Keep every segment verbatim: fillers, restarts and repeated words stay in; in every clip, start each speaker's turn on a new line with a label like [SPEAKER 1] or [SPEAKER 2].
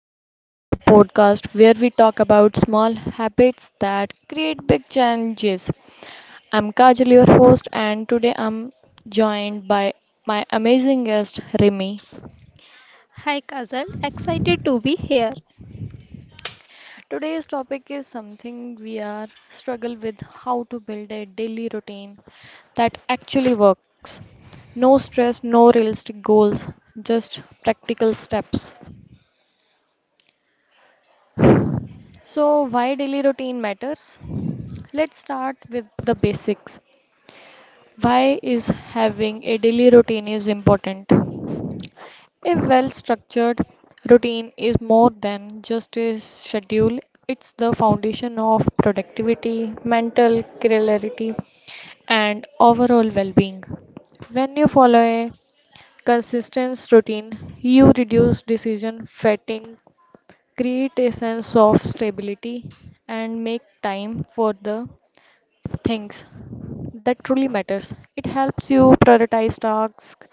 [SPEAKER 1] Routine, the podcast where we talk about small habits that create big changes. I'm Kajal, your host, and today I'm joined by my amazing guest, Rimi.
[SPEAKER 2] Hi Kazal, excited to be here.
[SPEAKER 1] Today's topic is something we are struggle with how to build a daily routine that actually works. No stress, no realistic goals, just practical steps. So, why daily routine matters? Let's start with the basics. Why is having a daily routine is important? A well-structured routine is more than just a schedule. It's the foundation of productivity, mental clarity, and overall well-being. When you follow a consistent routine, you reduce decision fatigue, create a sense of stability, and make time for the things that truly matters. It helps you prioritize tasks,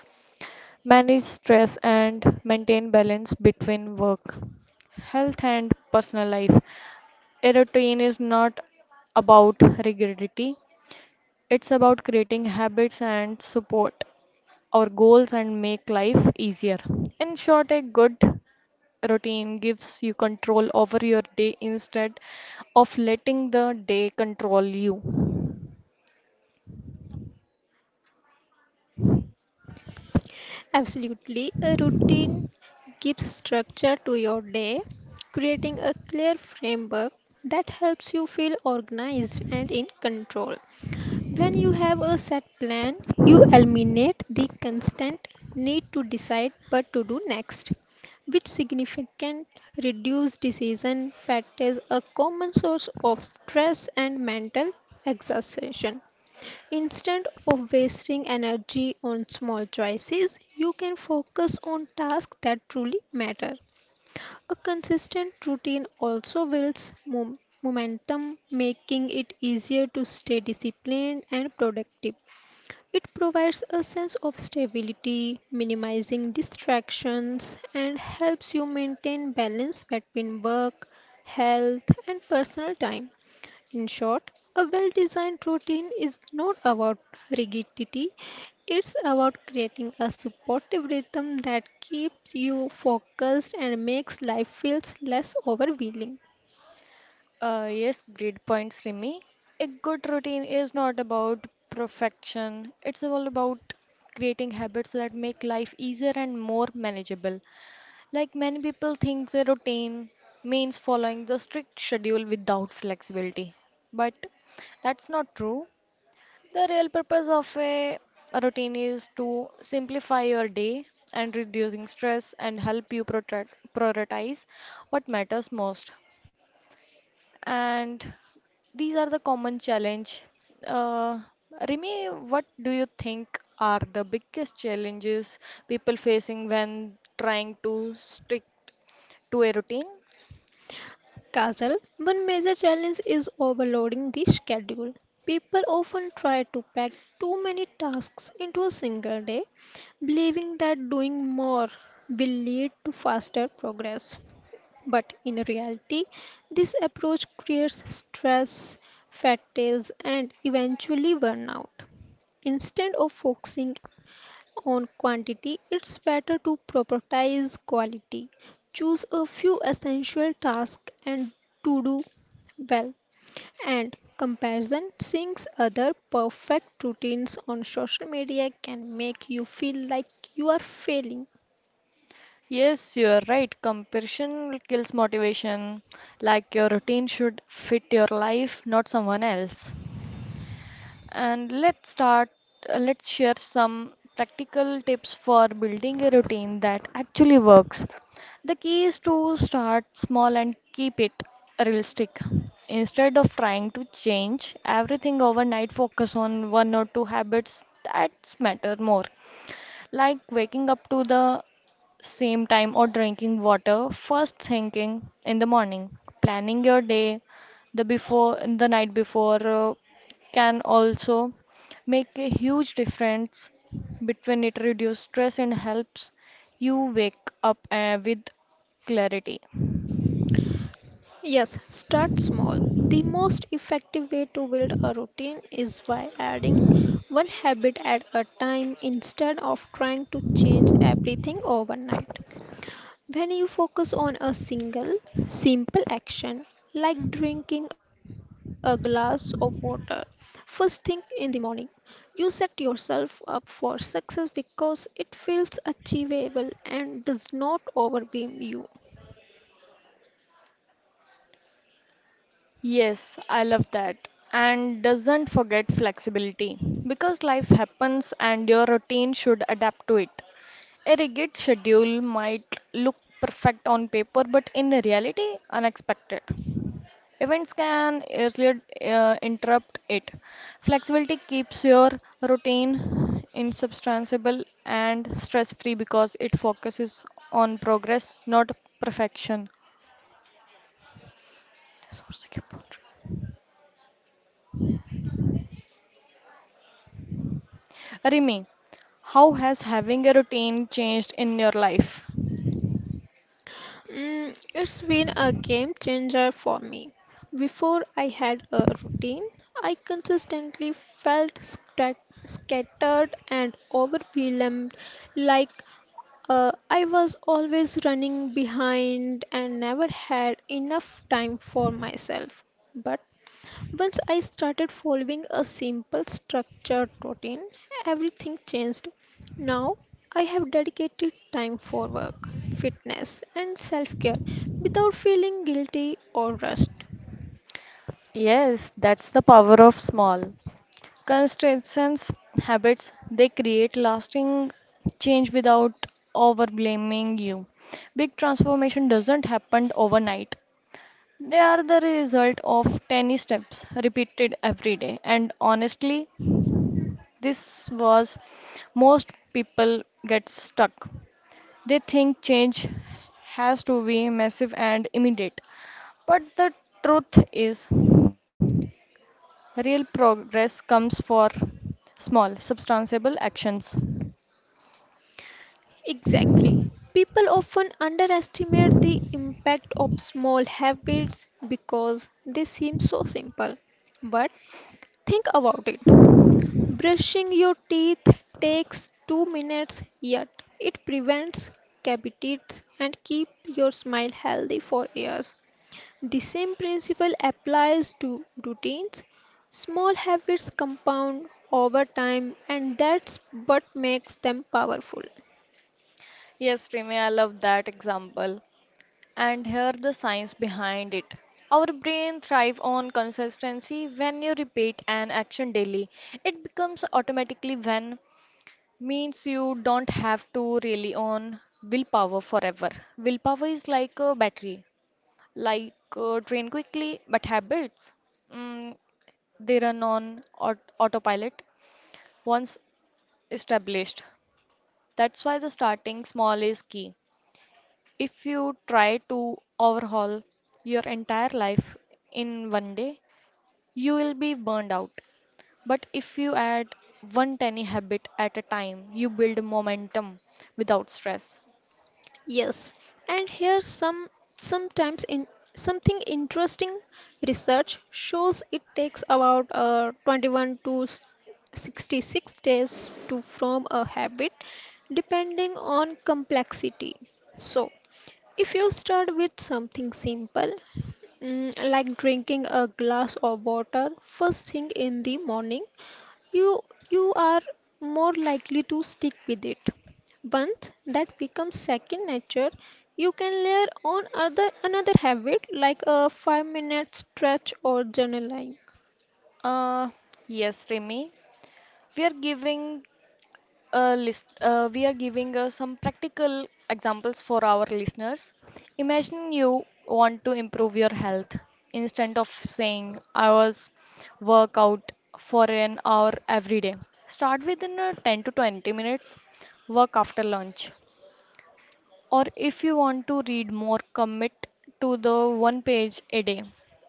[SPEAKER 1] manage stress, and maintain balance between work, health, and personal life. A routine is not about rigidity. It's about creating habits and support our goals and make life easier. In short, a good routine gives you control over your day instead of letting the day control you.
[SPEAKER 2] Absolutely, a routine gives structure to your day, creating a clear framework that helps you feel organized and in control. When you have a set plan, you eliminate the constant need to decide what to do next, which significant reduce decision fatigue, a common source of stress and mental exhaustion. Instead of wasting energy on small choices, you can focus on tasks that truly matter. A consistent routine also builds mom- momentum, making it easier to stay disciplined and productive. It provides a sense of stability, minimizing distractions, and helps you maintain balance between work, health, and personal time. In short, a well designed routine is not about rigidity, it's about creating a supportive rhythm that keeps you focused and makes life feels less overwhelming.
[SPEAKER 1] Uh, yes, great point, Srimi. A good routine is not about perfection, it's all about creating habits that make life easier and more manageable. Like, many people think a routine means following the strict schedule without flexibility, but that's not true. The real purpose of a routine is to simplify your day and reducing stress and help you protect- prioritize what matters most. And these are the common challenge. Uh, Rimi, what do you think are the biggest challenges people facing when trying to stick to a routine?
[SPEAKER 2] Kajal, one major challenge is overloading the schedule. People often try to pack too many tasks into a single day, believing that doing more will lead to faster progress. But in reality, this approach creates stress, fatigues, and eventually burnout. Instead of focusing on quantity, it's better to prioritize quality. Choose a few essential tasks and to do well. And comparison seeing other perfect routines on social media can make you feel like you are failing.
[SPEAKER 1] Yes, you are right. Comparison kills motivation. Like, your routine should fit your life, not someone else. And let's start, uh, let's share some practical tips for building a routine that actually works. The key is to start small and keep it realistic. Instead of trying to change everything overnight, focus on one or two habits that matter more. Like waking up to the same time or drinking water first thinking in the morning. Planning your day the before the night before uh, can also make a huge difference between it reduce stress and helps you wake up uh, with clarity.
[SPEAKER 2] Yes, start small. The most effective way to build a routine is by adding one habit at a time instead of trying to change everything overnight. When you focus on a single, simple action, like drinking a glass of water first thing in the morning, you set yourself up for success because it feels achievable and does not overwhelm you.
[SPEAKER 1] Yes, I love that. And doesn't forget flexibility because life happens and your routine should adapt to it. A rigid schedule might look perfect on paper, but in reality, unexpected events can easily uh, interrupt it. Flexibility keeps your routine insubstantiable and stress free because it focuses on progress, not perfection. Resource- Rimi, how has having a routine changed in your life?
[SPEAKER 2] Mm, it's been a game changer for me. Before I had a routine, I consistently felt scat- scattered and overwhelmed, like uh, I was always running behind and never had enough time for myself. But once I started following a simple structured routine, everything changed. Now, I have dedicated time for work, fitness, and self care without feeling guilty or rushed.
[SPEAKER 1] Yes, that's the power of small, consistent habits. They create lasting change without overblaming you. Big transformation doesn't happen overnight. They are the result of tiny steps repeated every day. And honestly, this was most people get stuck. They think change has to be massive and immediate. But the truth is, real progress comes for small, substantiable actions.
[SPEAKER 2] Exactly. People often underestimate the impact of small habits because they seem so simple. But think about it, brushing your teeth takes two minutes, yet it prevents cavities and keeps your smile healthy for years. The same principle applies to routines. Small habits compound over time, and that's what makes them powerful.
[SPEAKER 1] Yes, Rimi, I love that example. And here the science behind it. Our brain thrive on consistency. When you repeat an action daily, it becomes automatically when means you don't have to rely on willpower forever. Willpower is like a battery, like uh, drain quickly, but habits, mm, they run on aut- autopilot once established. That's why the starting small is key. If you try to overhaul your entire life in one day, you will be burned out. But if you add one tiny habit at a time, you build momentum without stress.
[SPEAKER 2] Yes, and here some sometimes in something interesting. Research shows it takes about uh, twenty-one to s- sixty-six days to form a habit depending on complexity. So, if you start with something simple, mm, like drinking a glass of water first thing in the morning, you you are more likely to stick with it. Once that becomes second nature, you can layer on other another habit like a five minute stretch or journaling.
[SPEAKER 1] Uh, yes, Remy, we are giving uh, list, uh, we are giving uh, some practical examples for our listeners. Imagine you want to improve your health. Instead of saying, I was work out for an hour every day, start within uh, ten to twenty minutes, work after lunch. Or if you want to read more, commit to the one page a day.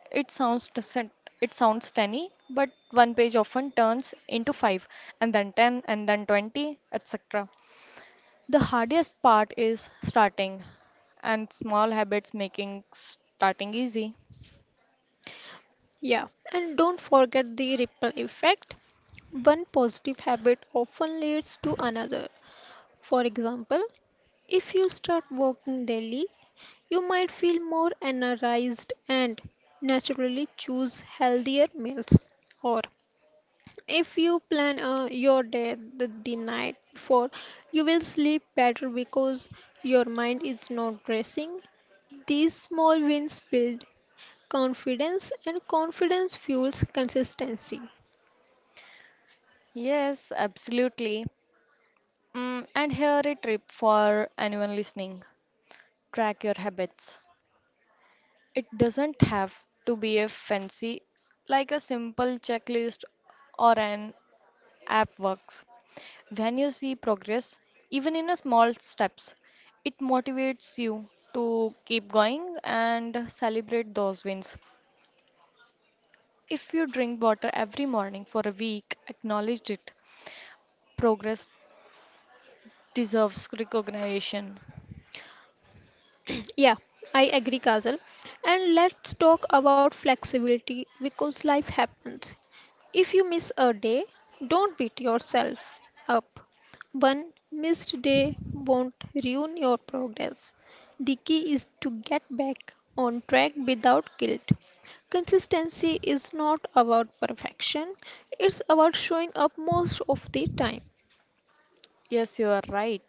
[SPEAKER 1] It sounds decent- it sounds tiny, but one page often turns into five, and then ten, and then twenty, et cetera. The hardest part is starting, and small habits making starting easy.
[SPEAKER 2] Yeah, and don't forget the ripple effect. One positive habit often leads to another. For example, if you start walking daily, you might feel more energized and naturally choose healthier meals. Or if you plan uh, your day the, the night before, you will sleep better because your mind is not racing. These small wins build confidence, and confidence fuels consistency.
[SPEAKER 1] Yes, absolutely. Mm, and here a tip for anyone listening. Track your habits. It doesn't have to be a fancy, like a simple checklist or an app works. When you see progress, even in a small steps, it motivates you to keep going and celebrate those wins. If you drink water every morning for a week, acknowledge it. Progress deserves recognition.
[SPEAKER 2] Yeah, I agree, Kajal. And let's talk about flexibility because life happens. If you miss a day, don't beat yourself up. One missed day won't ruin your progress. The key is to get back on track without guilt. Consistency is not about perfection, it's about showing up most of the time.
[SPEAKER 1] Yes, you are right.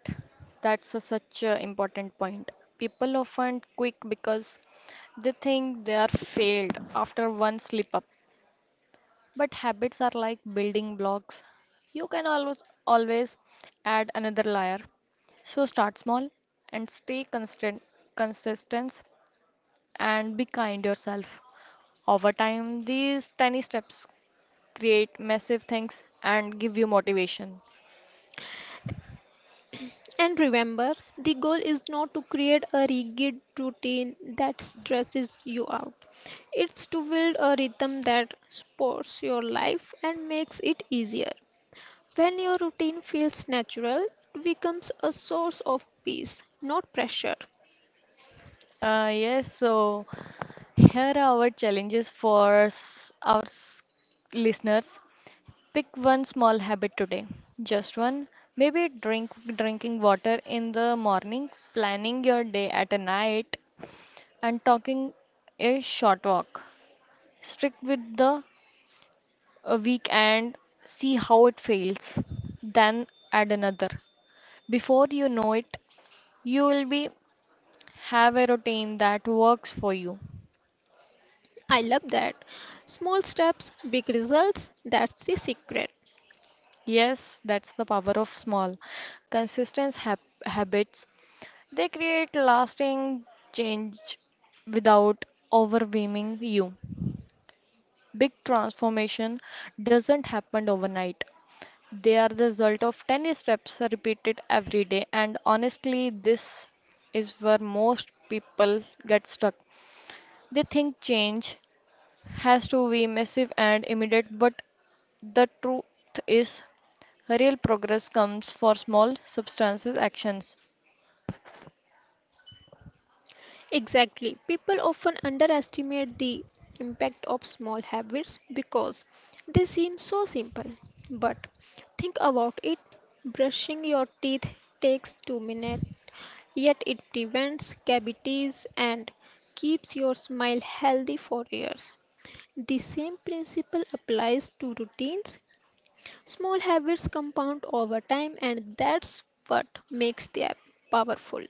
[SPEAKER 1] That's a, such an important point. People often quit because they think they are failed after one slip up. But habits are like building blocks. You can always always add another layer. So start small and stay constant consistent and be kind yourself. Over time, these tiny steps create massive things and give you motivation.
[SPEAKER 2] And remember, the goal is not to create a rigid routine that stresses you out. It's to build a rhythm that supports your life and makes it easier. When your routine feels natural, it becomes a source of peace, not pressure.
[SPEAKER 1] Uh, yes, so here are our challenges for s- our s- listeners. Pick one small habit today, just one. Maybe drink drinking water in the morning, planning your day at a night, and talking a short walk. Stick with the uh, week and see how it fails. Then add another. Before you know it, you will be have a routine that works for you.
[SPEAKER 2] I love that. Small steps, big results, that's the secret.
[SPEAKER 1] Yes, that's the power of small, consistent hab habits. They create lasting change without overwhelming you. Big transformation doesn't happen overnight. They are the result of tiny steps repeated every day, and honestly, this is where most people get stuck. They think change has to be massive and immediate, but the truth is, real progress comes for small, substantive actions.
[SPEAKER 2] Exactly. People often underestimate the impact of small habits because they seem so simple. But think about it, brushing your teeth takes two minutes, yet it prevents cavities and keeps your smile healthy for years. The same principle applies to routines. Small habits compound over time, and that's what makes them powerful.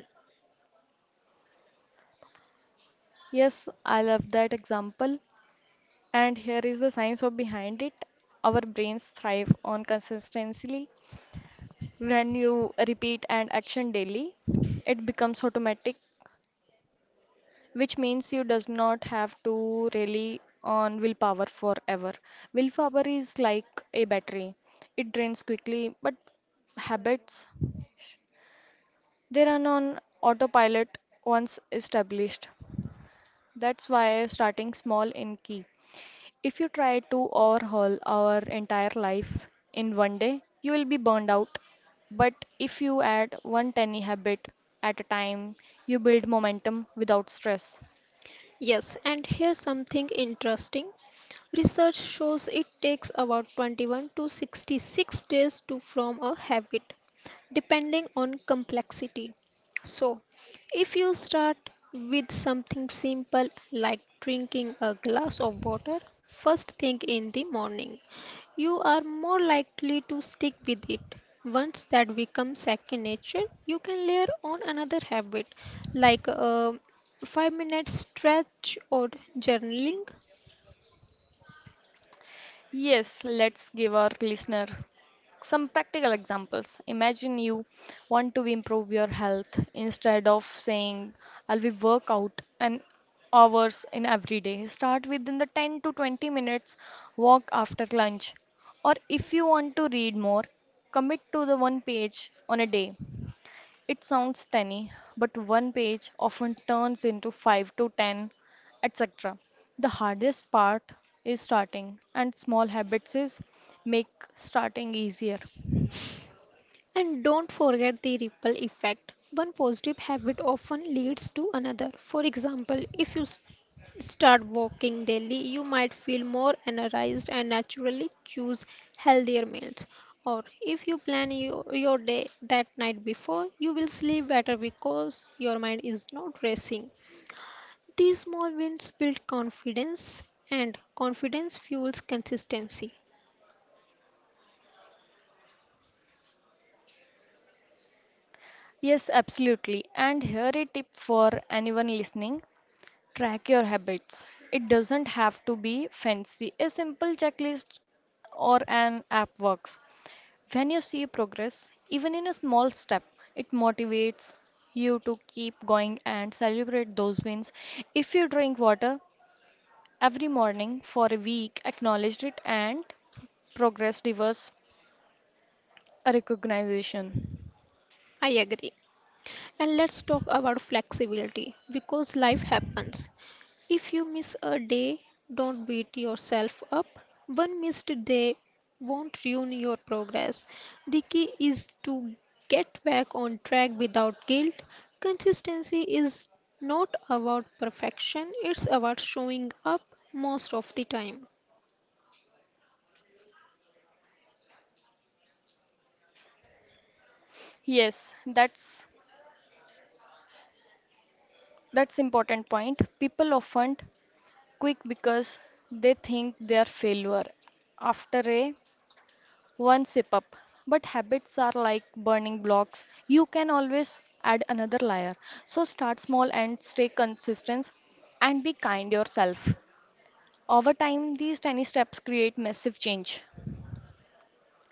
[SPEAKER 1] Yes, I love that example. And here is the science of behind it. Our brains thrive on consistency. When you repeat an action daily, it becomes automatic, which means you does not have to rely on willpower forever. Willpower is like a battery. It drains quickly, but habits, they run on autopilot once established. That's why starting small in key. If you try to overhaul our entire life in one day, you will be burned out. But if you add one tiny habit at a time, you build momentum without stress.
[SPEAKER 2] Yes, and here's something interesting. Research shows it takes about twenty-one to sixty-six days to form a habit, depending on complexity. So, if you start with something simple like drinking a glass of water first thing in the morning, you are more likely to stick with it. Once that becomes second nature, you can layer on another habit like uh, five minute stretch or journaling.
[SPEAKER 1] Yes, let's give our listener some practical examples. Imagine you want to improve your health. Instead of saying, I'll be work out an hours in every day. Start within the ten to twenty minutes walk after lunch. Or if you want to read more, commit to the one page on a day. It sounds tiny, but one page often turns into five to ten, et cetera. The hardest part is starting, and small habits is make starting easier.
[SPEAKER 2] And don't forget the ripple effect. One positive habit often leads to another. For example, if you s- start walking daily, you might feel more energized and naturally choose healthier meals. Or if you plan your, your day that night before, you will sleep better because your mind is not racing. These small wins build confidence, and confidence fuels consistency.
[SPEAKER 1] Yes, absolutely. And here a tip for anyone listening. Track your habits. It doesn't have to be fancy. A simple checklist or an app works. When you see progress, even in a small step, it motivates you to keep going and celebrate those wins. If you drink water every morning for a week, acknowledge it, and progress deserves a recognition.
[SPEAKER 2] I agree. And let's talk about flexibility because life happens. If you miss a day, don't beat yourself up. One missed day won't ruin your progress. The key is to get back on track without guilt. Consistency is not about perfection, it's about showing up most of the time.
[SPEAKER 1] Yes, that's that's important point. People often quick because they think they are failure after a one sip up. But habits are like burning blocks. You can always add another layer. So start small and stay consistent and be kind yourself. Over time, these tiny steps create massive change.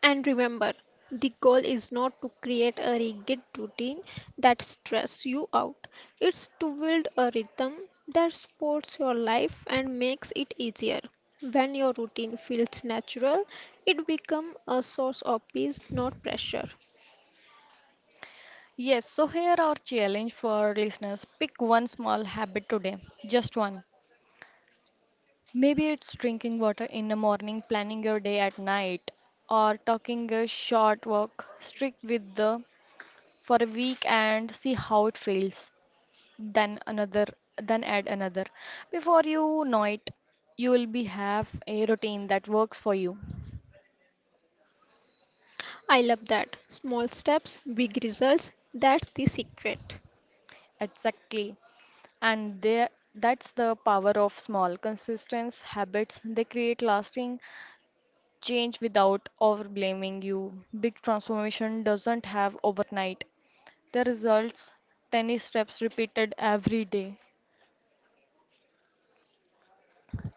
[SPEAKER 2] And remember, the goal is not to create a rigid routine that stresses you out. It's to build a rhythm that supports your life and makes it easier. When your routine feels natural, it becomes a source of peace, not pressure.
[SPEAKER 1] Yes, so here our challenge for listeners. Pick one small habit today, just one. Maybe it's drinking water in the morning, planning your day at night, or taking a short walk. Strict with the for a week and see how it feels. Then another, then add another. Before you know it, you will be have a routine that works for you.
[SPEAKER 2] I love that. Small steps, big results. That's the secret.
[SPEAKER 1] Exactly. And there that's the power of small consistent habits. They create lasting change without overblaming you. Big transformation doesn't have overnight. The results. Tennis steps repeated every day.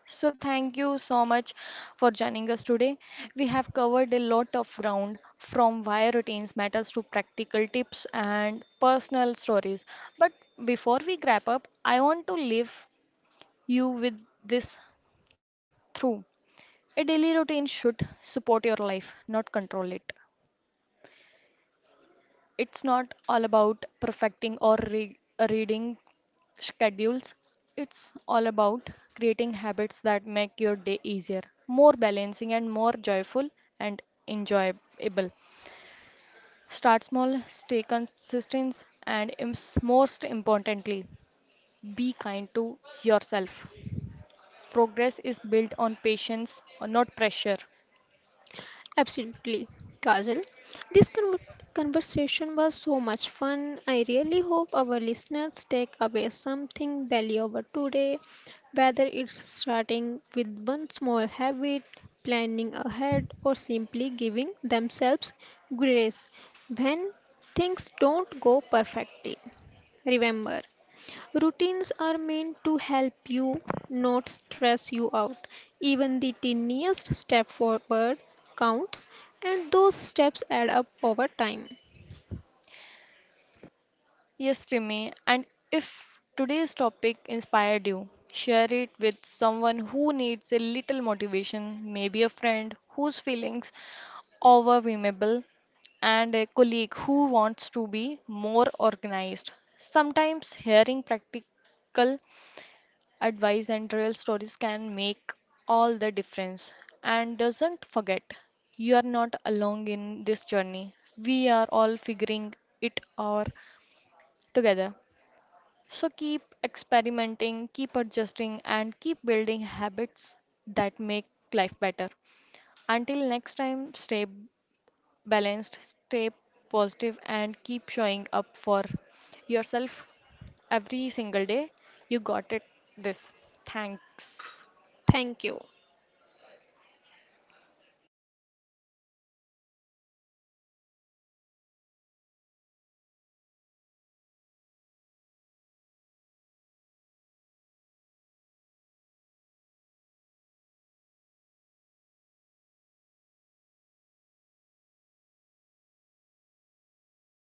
[SPEAKER 1] So, thank you so much for joining us today. We have covered a lot of ground from why routines matters to practical tips and personal stories. But before we wrap up, I want to leave you with this through. A daily routine should support your life, not control it. It's not all about perfecting or re- reading schedules. It's all about creating habits that make your day easier, more balancing, and more joyful and enjoyable. Start small, stay consistent, and ims- most importantly, be kind to yourself. Progress is built on patience, not pressure.
[SPEAKER 2] Absolutely, Kajal. This con- conversation was so much fun. I really hope our listeners take away something valuable today, whether it's starting with one small habit, planning ahead, or simply giving themselves grace when things don't go perfectly. Remember, routines are meant to help you, not stress you out. Even the tiniest step forward counts, and those steps add up over time.
[SPEAKER 1] Yes, Rimi, and if today's topic inspired you, share it with someone who needs a little motivation, maybe a friend whose feelings overwhelmable and a colleague who wants to be more organized. Sometimes hearing practical advice and real stories can make all the difference. And doesn't forget, you are not alone in this journey. We are all figuring it out together. So keep experimenting, keep adjusting, and keep building habits that make life better. Until next time, stay balanced, stay positive, and keep showing up for yourself every single day. You got it. This. Thanks.
[SPEAKER 2] Thank you.